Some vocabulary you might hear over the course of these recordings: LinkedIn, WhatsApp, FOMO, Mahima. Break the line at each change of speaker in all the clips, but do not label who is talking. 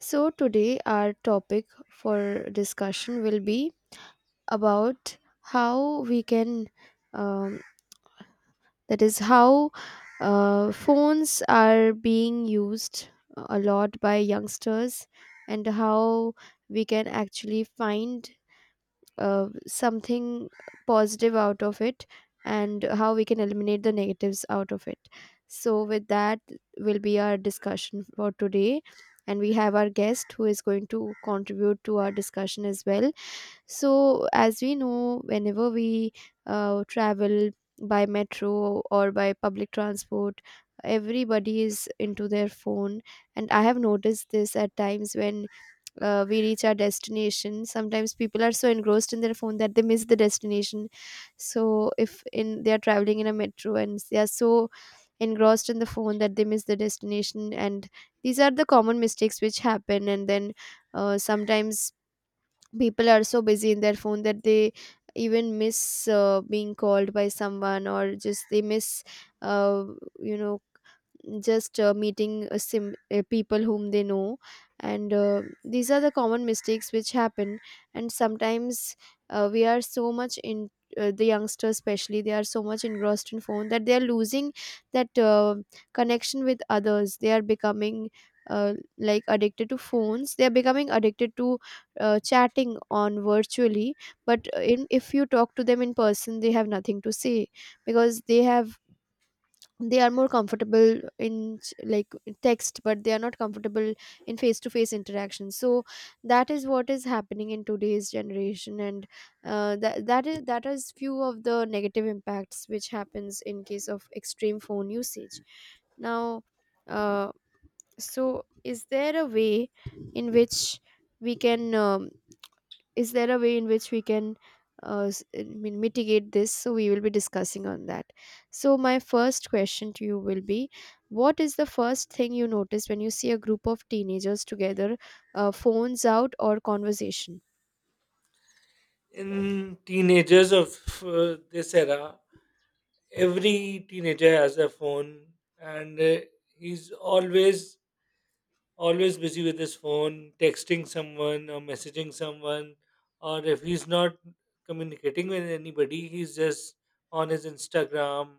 So, today our topic for discussion will be about how we can, um, that is, how phones are being used a lot by youngsters and how we can actually find something positive out of it and how we can eliminate the negatives out of it. So, with that, will be our discussion for today. And we have our guest who is going to contribute to our discussion as well. So, as we know, whenever we travel by metro or by public transport, everybody is into their phone. And I have noticed this at times when we reach our destination, sometimes people are so engrossed in their phone that they miss the destination. So if in they are traveling in a metro and they are so engrossed in the phone that they miss the destination, and these are the common mistakes which happen. And then sometimes people are so busy in their phone that they even miss being called by someone, or just they miss uh, you know just meeting people whom they know. And these are the common mistakes which happen. And sometimes we are so much in the youngsters, especially, they are so much engrossed in phone that they are losing that connection with others. They are becoming like addicted to phones. They are becoming addicted to chatting on virtually, but in if you talk to them in person they have nothing to say because they have they are more comfortable in like text, but they are not comfortable in face to face interaction. So that is what is happening in today's generation. And that is few of the negative impacts which happens in case of extreme phone usage. Now, uh, so is there a way in which we can, is there a way in which we can, I mean, mitigate this? So we will be discussing on that. So my first question to you will be, what is the first thing you notice when you see a group of teenagers together? Phones out or conversation?
In teenagers of this era, every teenager has a phone, and he's always busy with his phone, texting someone or messaging someone, or if he's not communicating with anybody, he's just on his Instagram,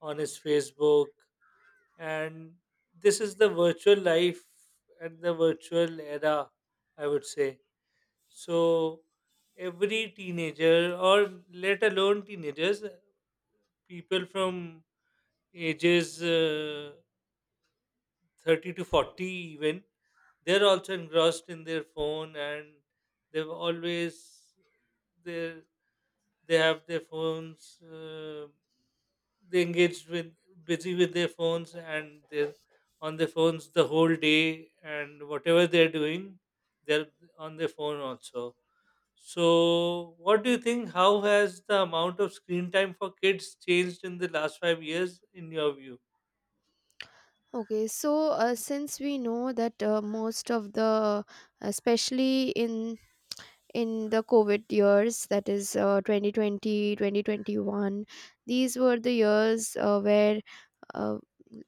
on his Facebook, and this is the virtual life and the virtual era, I would say. So every teenager, or let alone teenagers, people from ages 30 to 40 even, they're also engrossed in their phone and they've always they're they have their phones they engaged with busy with their phones and they're on their phones the whole day, and whatever they're doing, they're on their phone also. So what do you think, how has the amount of screen time for kids changed in the last 5 years in your view?
Okay, so since we know that most of the, especially in the covid years, that is, 2020, 2021, these were the years where uh,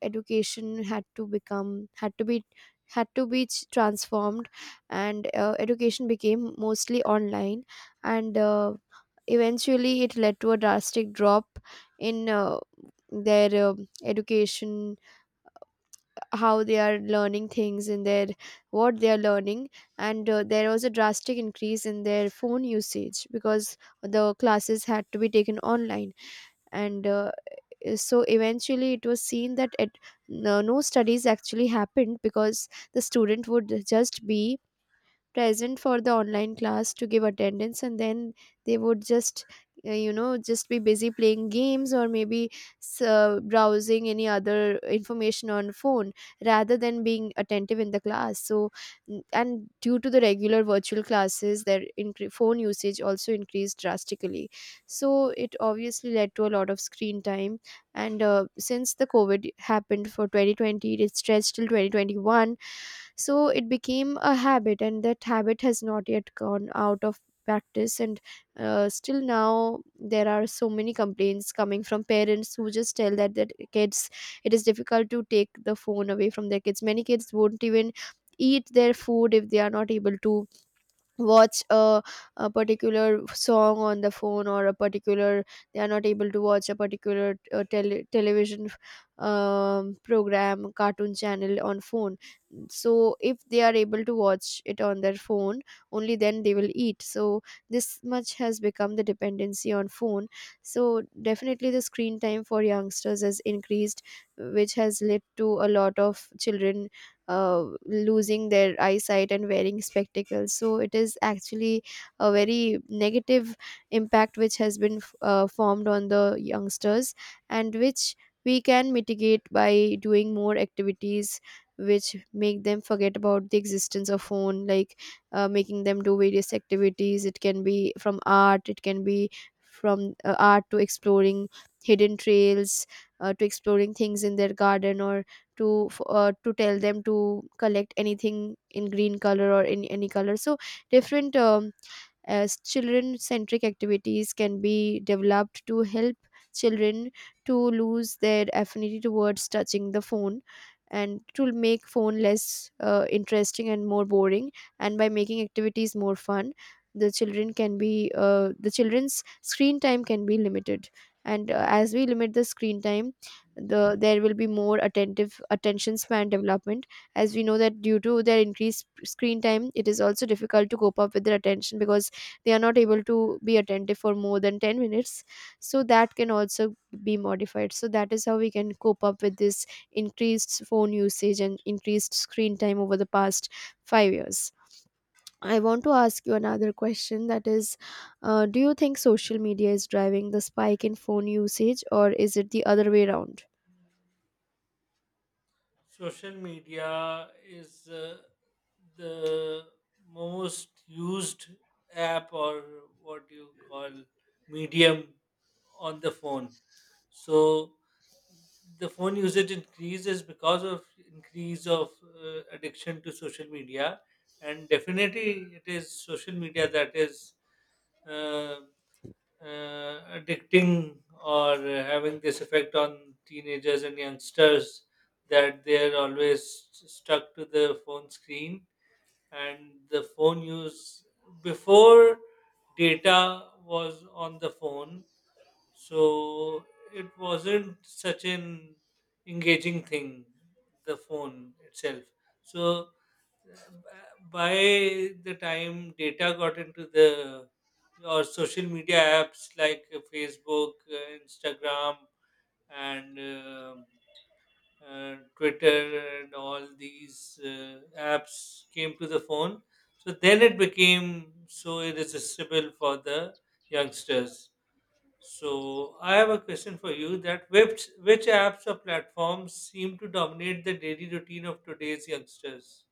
education had to become had to be ch- transformed. And education became mostly online. And eventually it led to a drastic drop in their education, how they are learning things in their what they are learning. And there was a drastic increase in their phone usage because the classes had to be taken online. And so eventually it was seen that no, no studies actually happened, because the student would just be present for the online class to give attendance, and then they would just just be busy playing games or maybe browsing any other information on phone rather than being attentive in the class. So and due to the regular virtual classes their phone usage also increased drastically. So it obviously led to a lot of screen time. And since the covid happened for 2020, it stretched till 2021, so it became a habit and that habit has not yet gone out of practice. And still now there are so many complaints coming from parents who just tell that kids, it is difficult to take the phone away from their kids. Many kids won't even eat their food if they are not able to watch a particular song on the phone, or a particular, they are not able to watch a particular television program cartoon channel on phone. So if they are able to watch it on their phone, only then they will eat. So this much has become the dependency on phone. So definitely the screen time for youngsters has increased, which has led to a lot of children losing their eyesight and wearing spectacles. So it is actually a very negative impact which has been formed on the youngsters, and which we can mitigate by doing more activities which make them forget about the existence of phone, like making them do various activities. It can be from art, it can be from art to exploring hidden trails, to exploring things in their garden, or to to tell them to collect anything in green color or in any color. So different as children centric activities can be developed to help children to lose their affinity towards touching the phone, and to make phone less interesting and more boring. And by making activities more fun, the children's screen time can be limited. And as we limit the screen time, there will be more attentive attention span development, as we know that due to their increased screen time it is also difficult to cope up with their attention, because they are not able to be attentive for more than 10 minutes. So that can also be modified. So that is how we can cope up with this increased phone usage and increased screen time over the past 5 years. I want to ask you another question, that is, do you think social media is driving the spike in phone usage or is it the other way around?
Social media is the most used app or what you call medium on the phone. So the phone usage increases because of increase of addiction to social media, and definitely it is social media that is uh, addicting or having this effect on teenagers and youngsters, that they're always stuck to the phone screen. And the phone use, before data was on the phone, so it wasn't such an engaging thing, the phone itself. So uh, b- by the time data got into the, or social media apps like Facebook, Instagram, and Twitter, and all these apps came to the phone. So then it became so irresistible for the youngsters. So I have a question for you, that which apps or platforms seem to dominate the daily routine of today's youngsters?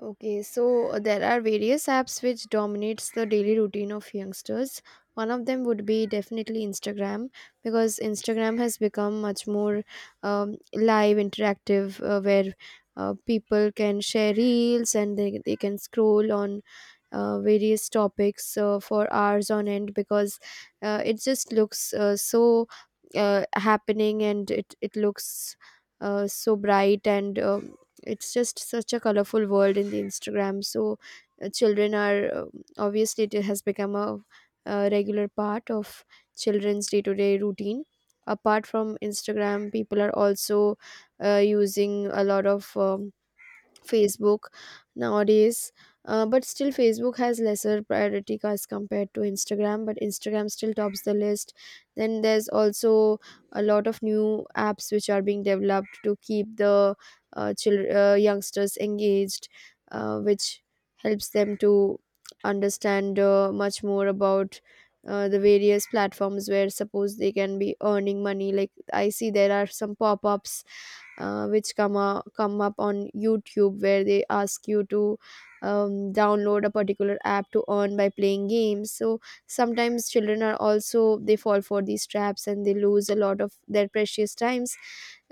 Okay, so there are various apps which dominates the daily routine of youngsters. One of them would be definitely Instagram, because Instagram has become much more live, interactive, where people can share reels and they can scroll on various topics for hours on end, because it just looks so happening, and it looks so bright and it's just such a colorful world in the Instagram. So children are, obviously it has become a regular part of children's day-to-day routine. Apart from Instagram, people are also using a lot of Facebook nowadays. But still, Facebook has lesser priority as compared to Instagram. But Instagram still tops the list. Then there's also a lot of new apps which are being developed to keep the children, youngsters engaged, which helps them to understand much more about the various platforms where suppose they can be earning money. Like I see there are some pop ups which come up on YouTube where they ask you to download a particular app to earn by playing games. So sometimes children are also, they fall for these traps and they lose a lot of their precious times.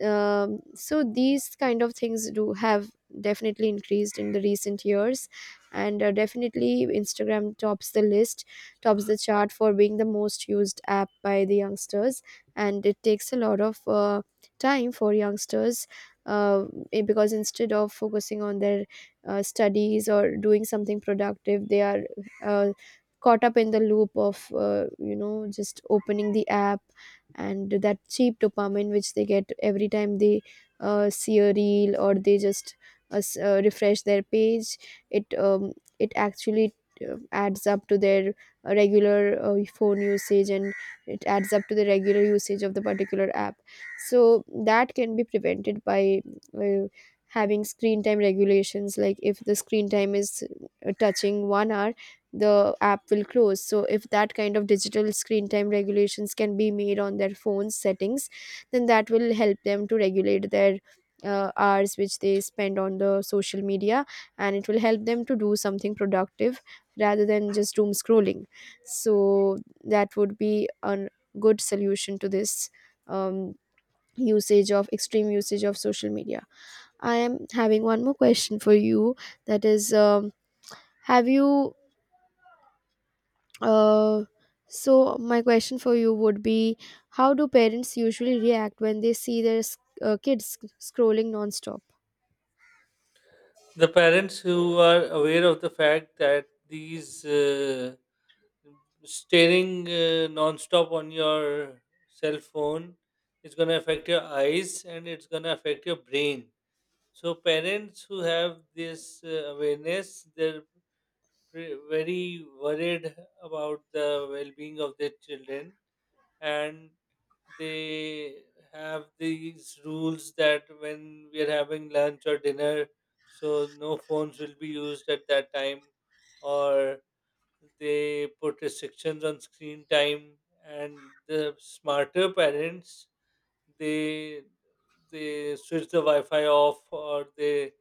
So these kind of things do have definitely increased in the recent years, and definitely Instagram tops the list, tops the chart for being the most used app by the youngsters, and it takes a lot of time for youngsters, uh, because instead of focusing on their studies or doing something productive they are uh, caught up in the loop of just opening the app, and that cheap dopamine which they get every time they see a reel or they just refresh their page, it it actually adds up to their regular phone usage, and it adds up to the regular usage of the particular app. So that can be prevented by uh, having screen time regulations, like if the screen time is touching 1 hour, the app will close. So if that kind of digital screen time regulations can be made on their phone settings, then that will help them to regulate their hours which they spend on the social media, and it will help them to do something productive rather than just doom scrolling. So that would be a good solution to this um, usage, of extreme usage of social media. I am having one more question for you, that is, have you uh, so my question for you would be, how do parents usually react when they see their kids scrolling nonstop?
The parents who are aware of the fact that these staring non-stop on your cell phone is going to affect your eyes and it's going to affect your brain. So parents who have this awareness, they're very worried about the well-being of their children, and they have these rules that when we are having lunch or dinner, so no phones will be used at that time, or they put restrictions on screen time. And the smarter parents, they switch the Wi-Fi off, or they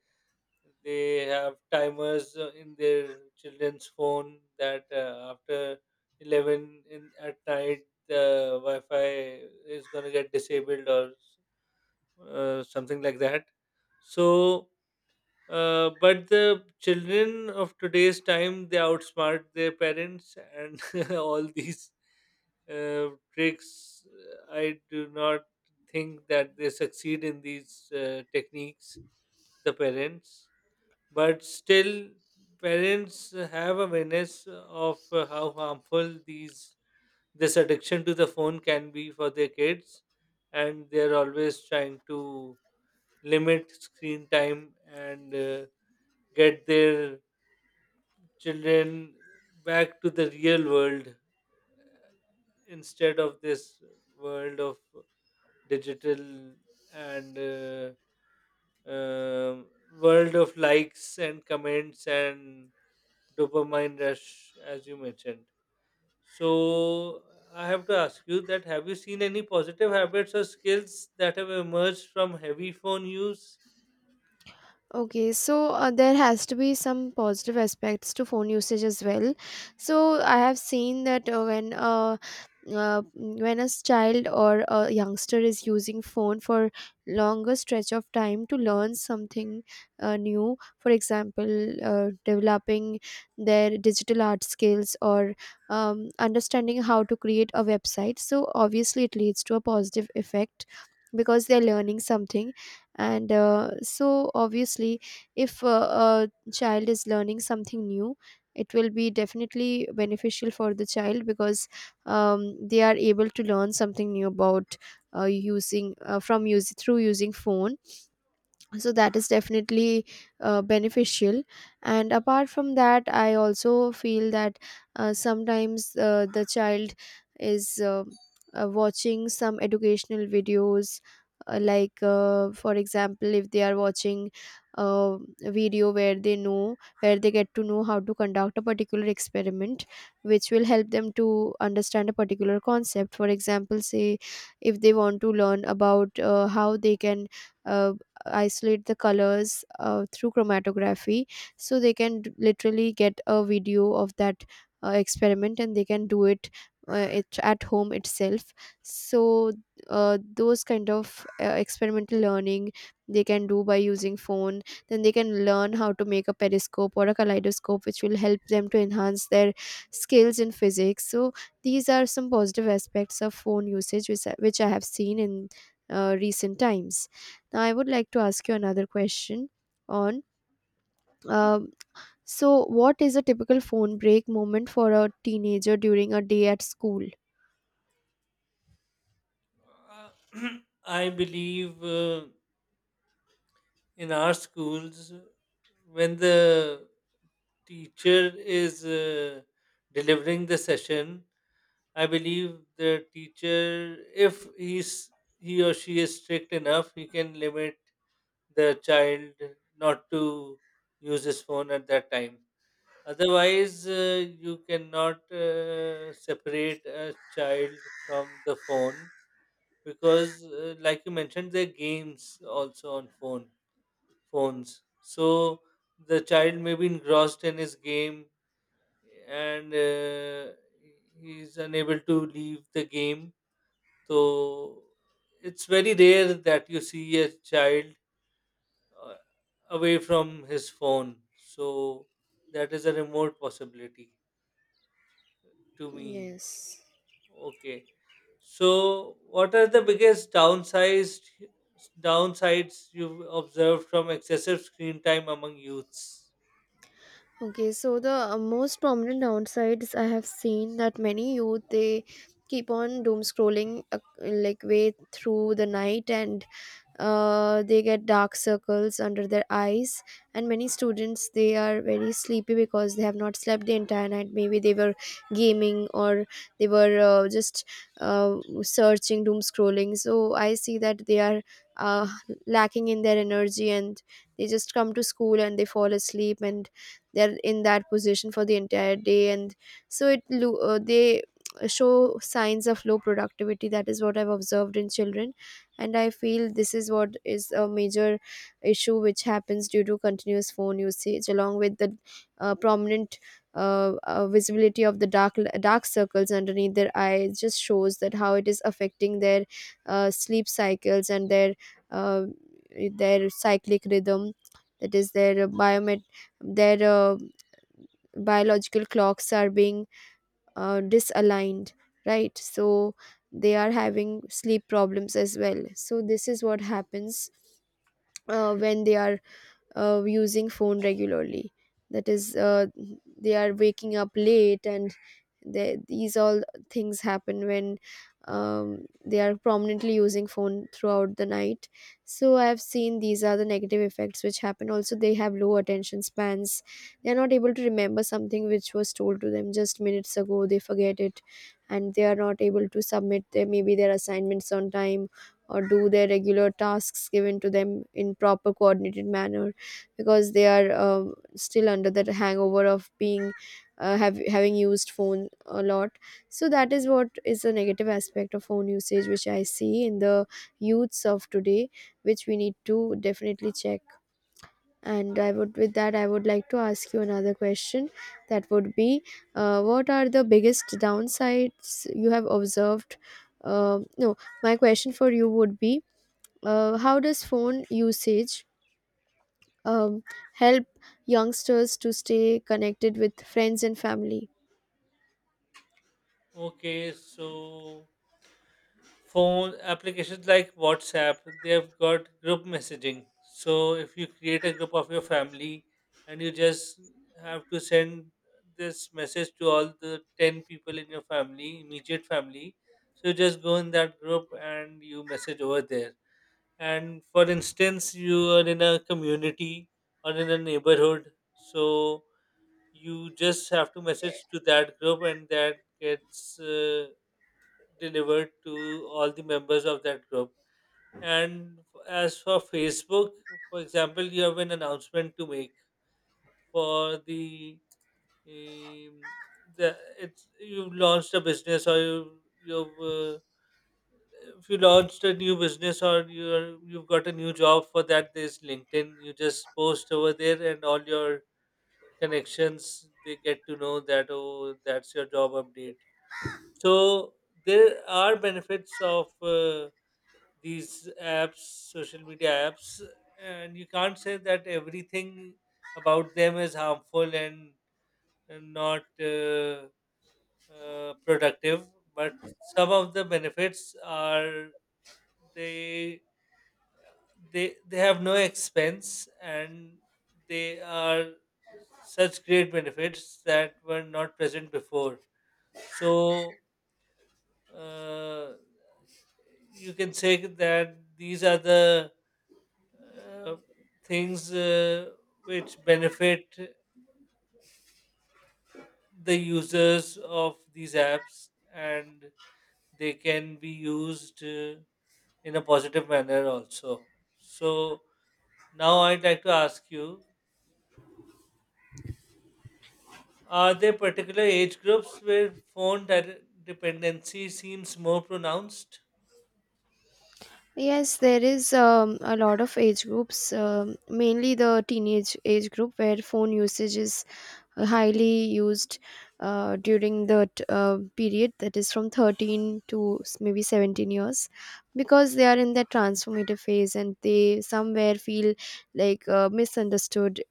have timers in their children's phone that after 11 in at night the Wi-Fi is gonna get disabled, or something like that. So, but the children of today's time, they outsmart their parents and all these tricks. I do not think that they succeed in these techniques, the parents. But still, parents have awareness of how harmful these this addiction to the phone can be for their kids, and they're always trying to limit screen time and get their children back to the real world, instead of this world of digital, and um world of likes and comments and dopamine rush, as you mentioned. So I have to ask you, that have you seen any positive habits or skills that have emerged from heavy phone use?
Okay, so there has to be some positive aspects to phone usage as well. So I have seen that when when a child or a youngster is using phone for longer stretch of time to learn something new, for example, developing their digital art skills or understanding how to create a website. So obviously, it leads to a positive effect because they're learning something, and so obviously, if a child is learning something new, it will be definitely beneficial for the child because they are able to learn something new about using from use through using phone. So that is definitely beneficial. And apart from that, I also feel that sometimes the child is watching some educational videos. Like for example, if they are watching uh, a video where they know where they get to know how to conduct a particular experiment which will help them to understand a particular concept. For example, say if they want to learn about how they can uh, isolate the colors through chromatography, so they can literally get a video of that experiment and they can do uh, it at home itself. So those kind of experimental learning they can do by using phone. Then they can learn how to make a periscope or a kaleidoscope, which will help them to enhance their skills in physics. So these are some positive aspects of phone usage which, which I have seen in recent times. Now, I would like to ask you another question on um, so, what is a typical phone break moment for a teenager during a day at school?
Uh, I believe in our schools, when the teacher is delivering the session, I believe the teacher, if he or she is strict enough, he can limit the child not to use his phone at that time. Otherwise, you cannot separate a child from the phone, because, like you mentioned, there are games also on phones. So the child may be engrossed in his game, and he's unable to leave the game. So it's very rare that you see a child uh, away from his phone. So that is a remote possibility to me.
Yes.
Okay. So, what are the biggest downsides you've observed from excessive screen time among youths?
Okay, so the most prominent downsides I have seen that many youth, they keep on doom scrolling like way through the night, and they get dark circles under their eyes. And many students, they are very sleepy because they have not slept the entire night. Maybe they were gaming, or they were just uh, searching, doom scrolling. So I see that they are uh, lacking in their energy, and they just come to school and they fall asleep, and they're in that position for the entire day. And so they show signs of low productivity. That is what I've observed in children. And I feel this is what is a major issue which happens due to continuous phone usage, along with the prominent visibility of the dark circles underneath their eyes. Just shows that how it is affecting their sleep cycles and their uh, cyclic rhythm. That is their biomet their biological clocks are being disaligned, right? So they are having sleep problems as well. So this is what happens when they are using phone regularly. That is, they are waking up late, and these all things happen when they are prominently using phone throughout the night. So I have seen these are the negative effects which happen. Also, they have low attention spans. They are not able to remember something which was told to them just minutes ago. They forget it, and they are not able to submit their maybe their assignments on time, or do their regular tasks given to them in proper coordinated manner, because they are still under that hangover of being have having used phone a lot. So that is what is a negative aspect of phone usage which I see in the youths of today, which we need to definitely check. And I would with that I would like to ask you another question. That would be what are the biggest downsides you have observed no my question for you would be, how does phone usage um, help youngsters to stay connected with friends and family?
Okay, so phone applications like WhatsApp, they've got group messaging. So if you create a group of your family and you just have to send this message to all the 10 people in your family, immediate family, so you just go in that group and you message over there. And for instance, you are in a community or in a neighborhood, so you just have to message to that group, and that gets delivered to all the members of that group. And as for Facebook, for example, you have an announcement to make for um, the it's you've launched a business, or you've if you launched a new business, or you've got a new job, for that there's LinkedIn. You just post over there and all your connections, they get to know that, oh, that's your job update. So there are benefits of these apps, social media apps, and you can't say that everything about them is harmful and not productive. But some of the benefits are, they they they have no expense, and they are such great benefits that were not present before. So uh, you can say that these are the uh, things which benefit the users of these apps, and they can be used in a positive manner also. So now I'd like to ask you, are there particular age groups where phone dependency seems more pronounced?
Yes, there is a lot of age groups, mainly the teenage age group, where phone usage is highly used during that period, that is from 13 to maybe 17 years, because they are in that transformative phase and they somewhere feel misunderstood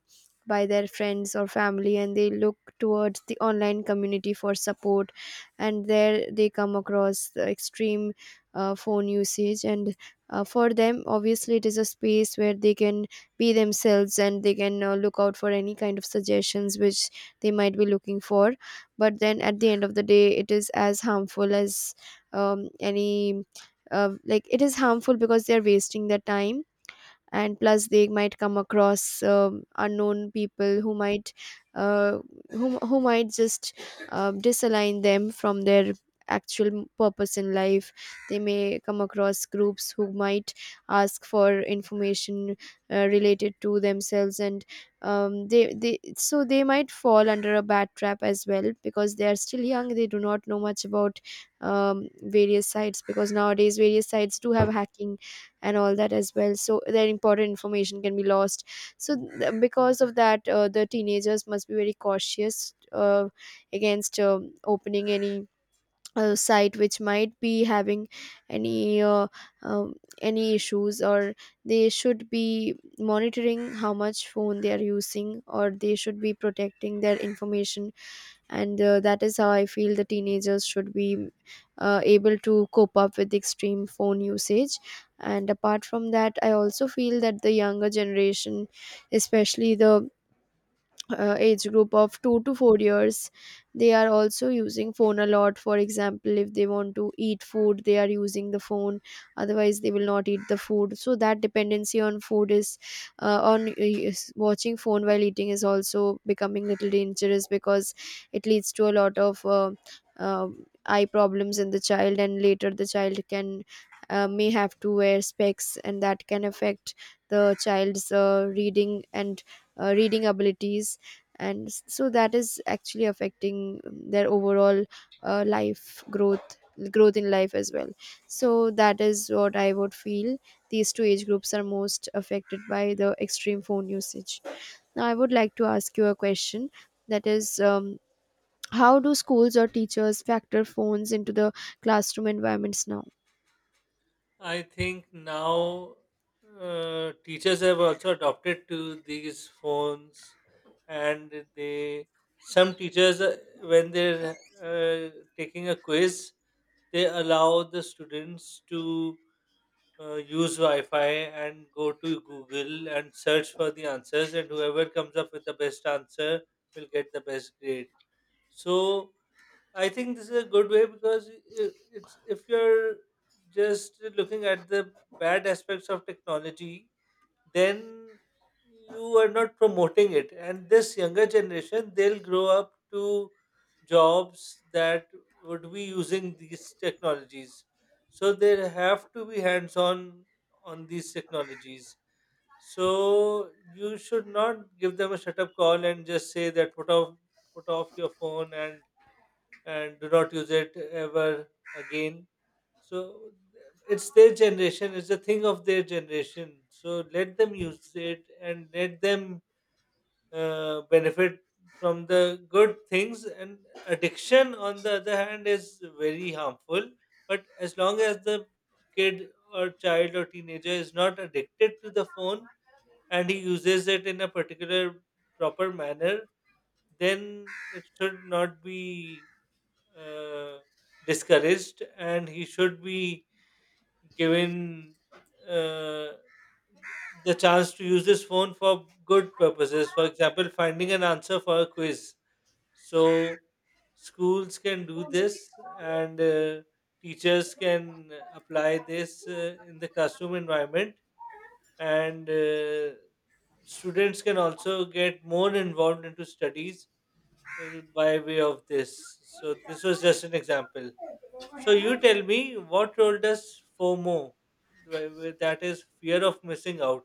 by their friends or family, and they look towards the online community for support. And there they come across the extreme phone usage. And for them, obviously, it is a space where they can be themselves, and they can look out for any kind of suggestions which they might be looking for. But then at the end of the day, it is as harmful as any like it is harmful because they are wasting their time. And plus, they might come across unknown people who might uh, who might just disalign them from their actual purpose in life. They may come across groups who might ask for information related to themselves. And they, so they might fall under a bad trap as well, because they are still young, they do not know much about various sites, because nowadays various sites do have hacking and all that as well, so their important information can be lost. So because of that, the teenagers must be very cautious against opening any site which might be having any uh, um, any issues, or they should be monitoring how much phone they are using, or they should be protecting their information. And that is how I feel the teenagers should be able to cope up with extreme phone usage. And apart from that, I also feel that the younger generation, especially the age group of 2 to 4 years, they are also using phone a lot. For example, if they want to eat food, they are using the phone, otherwise they will not eat the food. So that dependency on food is uh, on uh, watching phone while eating is also becoming little dangerous, because it leads to a lot of um eye problems in the child. And later, the child can may have to wear specs, and that can affect the child's reading abilities. And so that is actually affecting their overall life growth growth in life as well. So that is what I would feel, these two age groups are most affected by the extreme phone usage. Now I would like to ask you a question, that is, how do schools or teachers factor phones into the classroom environments now?
I think now teachers have also adopted to these phones, and they, some teachers when they're taking a quiz, they allow the students to use Wi-Fi and go to Google and search for the answers, and whoever comes up with the best answer will get the best grade. So I think this is a good way, because it's if you're just looking at the bad aspects of technology, then you are not promoting it. And this younger generation, they'll grow up to jobs that would be using these technologies. So they have to be hands-on on these technologies. So you should not give them a shut-up call and just say that put off your phone and do not use it ever again. So it's their generation, it's a thing of their generation. So let them use it and let them benefit from the good things. And addiction, on the other hand, is very harmful. But as long as the kid or child or teenager is not addicted to the phone and he uses it in a particular proper manner, then it should not be uh, discouraged, and he should be given uh, the chance to use his phone for good purposes, for example finding an answer for a quiz. So schools can do this and teachers can apply this in the classroom environment, and students can also get more involved into studies by way of this. So this was just an example. So you tell me, what role does FOMO, that is fear of missing out,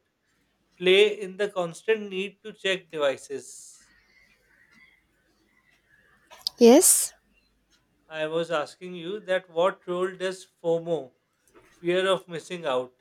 play in the constant need to check devices?
Yes,
I was asking you that what role does FOMO, fear of missing out,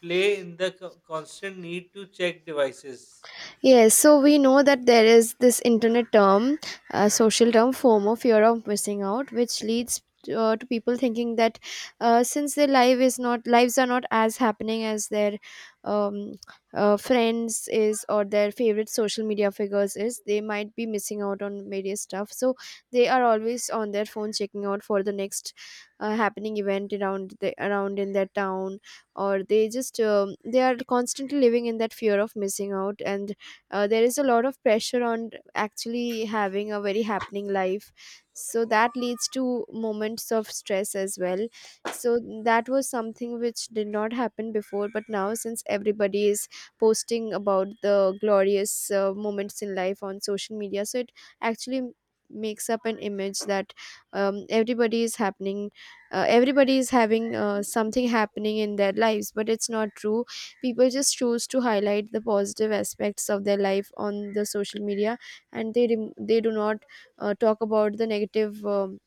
play in the constant need to check devices?
Yes, so we know that there is this internet term, social term, FOMO, fear of missing out, which leads to people thinking that since their life is not lives are not as happening as their um, friends is, or their favorite social media figures is, they might be missing out on various stuff. So they are always on their phone checking out for the next happening event around in their town, or they just they are constantly living in that fear of missing out. And there is a lot of pressure on actually having a very happening life, so that leads to moments of stress as well. So that was something which did not happen before, but now since everybody is posting about the glorious moments in life on social media, so it actually makes up an image that everybody is happening, everybody is having something happening in their lives, but it's not true. People just choose to highlight the positive aspects of their life on the social media, and they do not talk about the negative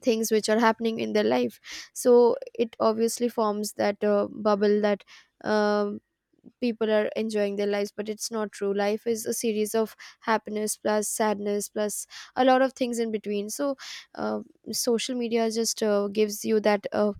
things which are happening in their life. So it obviously forms that bubble that um people are enjoying their lives, but it's not true. Life is a series of happiness plus sadness plus a lot of things in between. So uh, social media just gives you that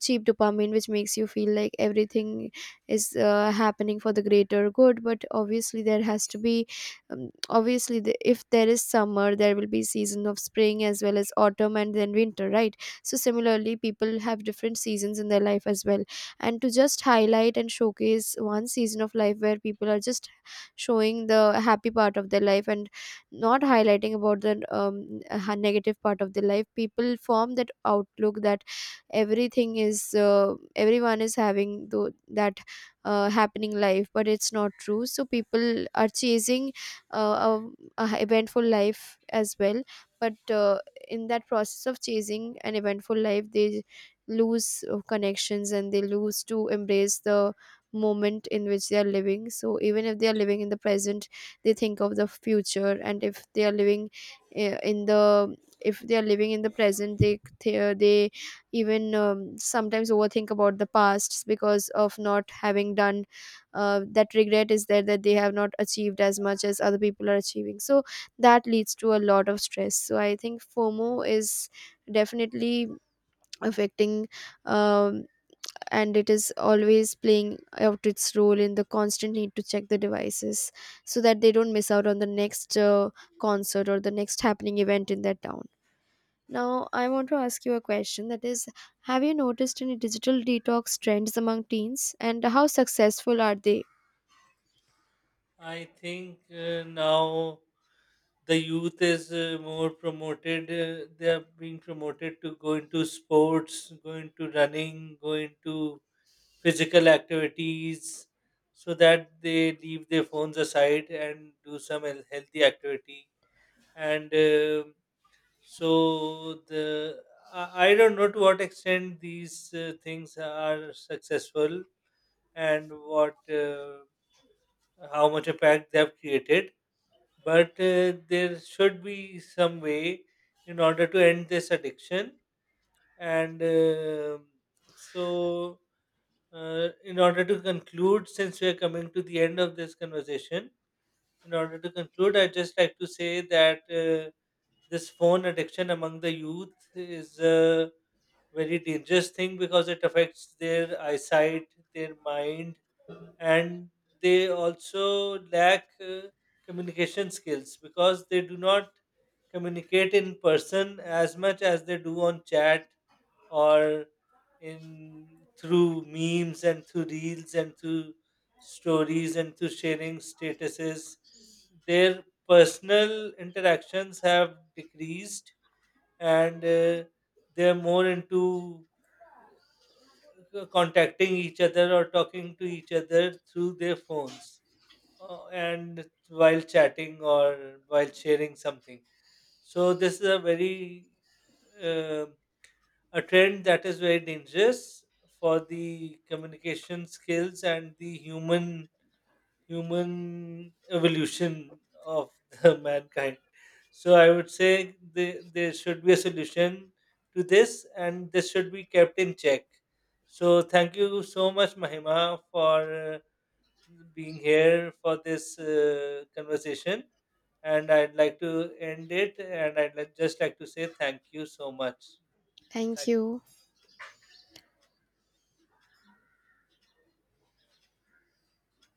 cheap dopamine which makes you feel like everything is happening for the greater good. But obviously, there has to be if there is summer, there will be season of spring as well as autumn and then winter, right? So similarly, people have different seasons in their life as well. And to just highlight and showcase one season of life, where people are just showing the happy part of their life and not highlighting about the negative part of their life, people form that outlook that everything is everyone is having tho- that happening life, but it's not true. So people are chasing uh, a eventful life as well. But in that process of chasing an eventful life, they lose connections, and they lose to embrace the moment in which they are living. So even if they are living in the present, they think of the future. And if they are living in the if they are living in the present, they even sometimes overthink about the past, because of not having done that regret is there, that they have not achieved as much as other people are achieving. So that leads to a lot of stress. So I think FOMO is definitely affecting um, and it is always playing out its role in the constant need to check the devices, so that they don't miss out on the next concert or the next happening event in that town. Now I want to ask you a question, that is, have you noticed any digital detox trends among teens and how successful are they?
I think now the youth is more promoted. They are being promoted to go into sports, go into running, go into physical activities, so that they leave their phones aside and do some healthy activity. And so the, I don't know to what extent these things are successful and what how much impact they have created. But there should be some way in order to end this addiction. And so, in order to conclude, since we are coming to the end of this conversation, in order to conclude, I'd just like to say that this phone addiction among the youth is a very dangerous thing, because it affects their eyesight, their mind, and they also lack communication skills, because they do not communicate in person as much as they do on chat, or in through memes and through reels and through stories and through sharing statuses. Their personal interactions have decreased, and they're more into contacting each other or talking to each other through their phones, and while chatting or while sharing something. So this is a very um, a trend that is very dangerous for the communication skills and the human evolution of the mankind. So I would say there should be a solution to this, and this should be kept in check. So thank you so much, Mahima, for being here for this conversation. And I'd like to end it, and I'd just like to say thank you so much.
Thank
Thank
you.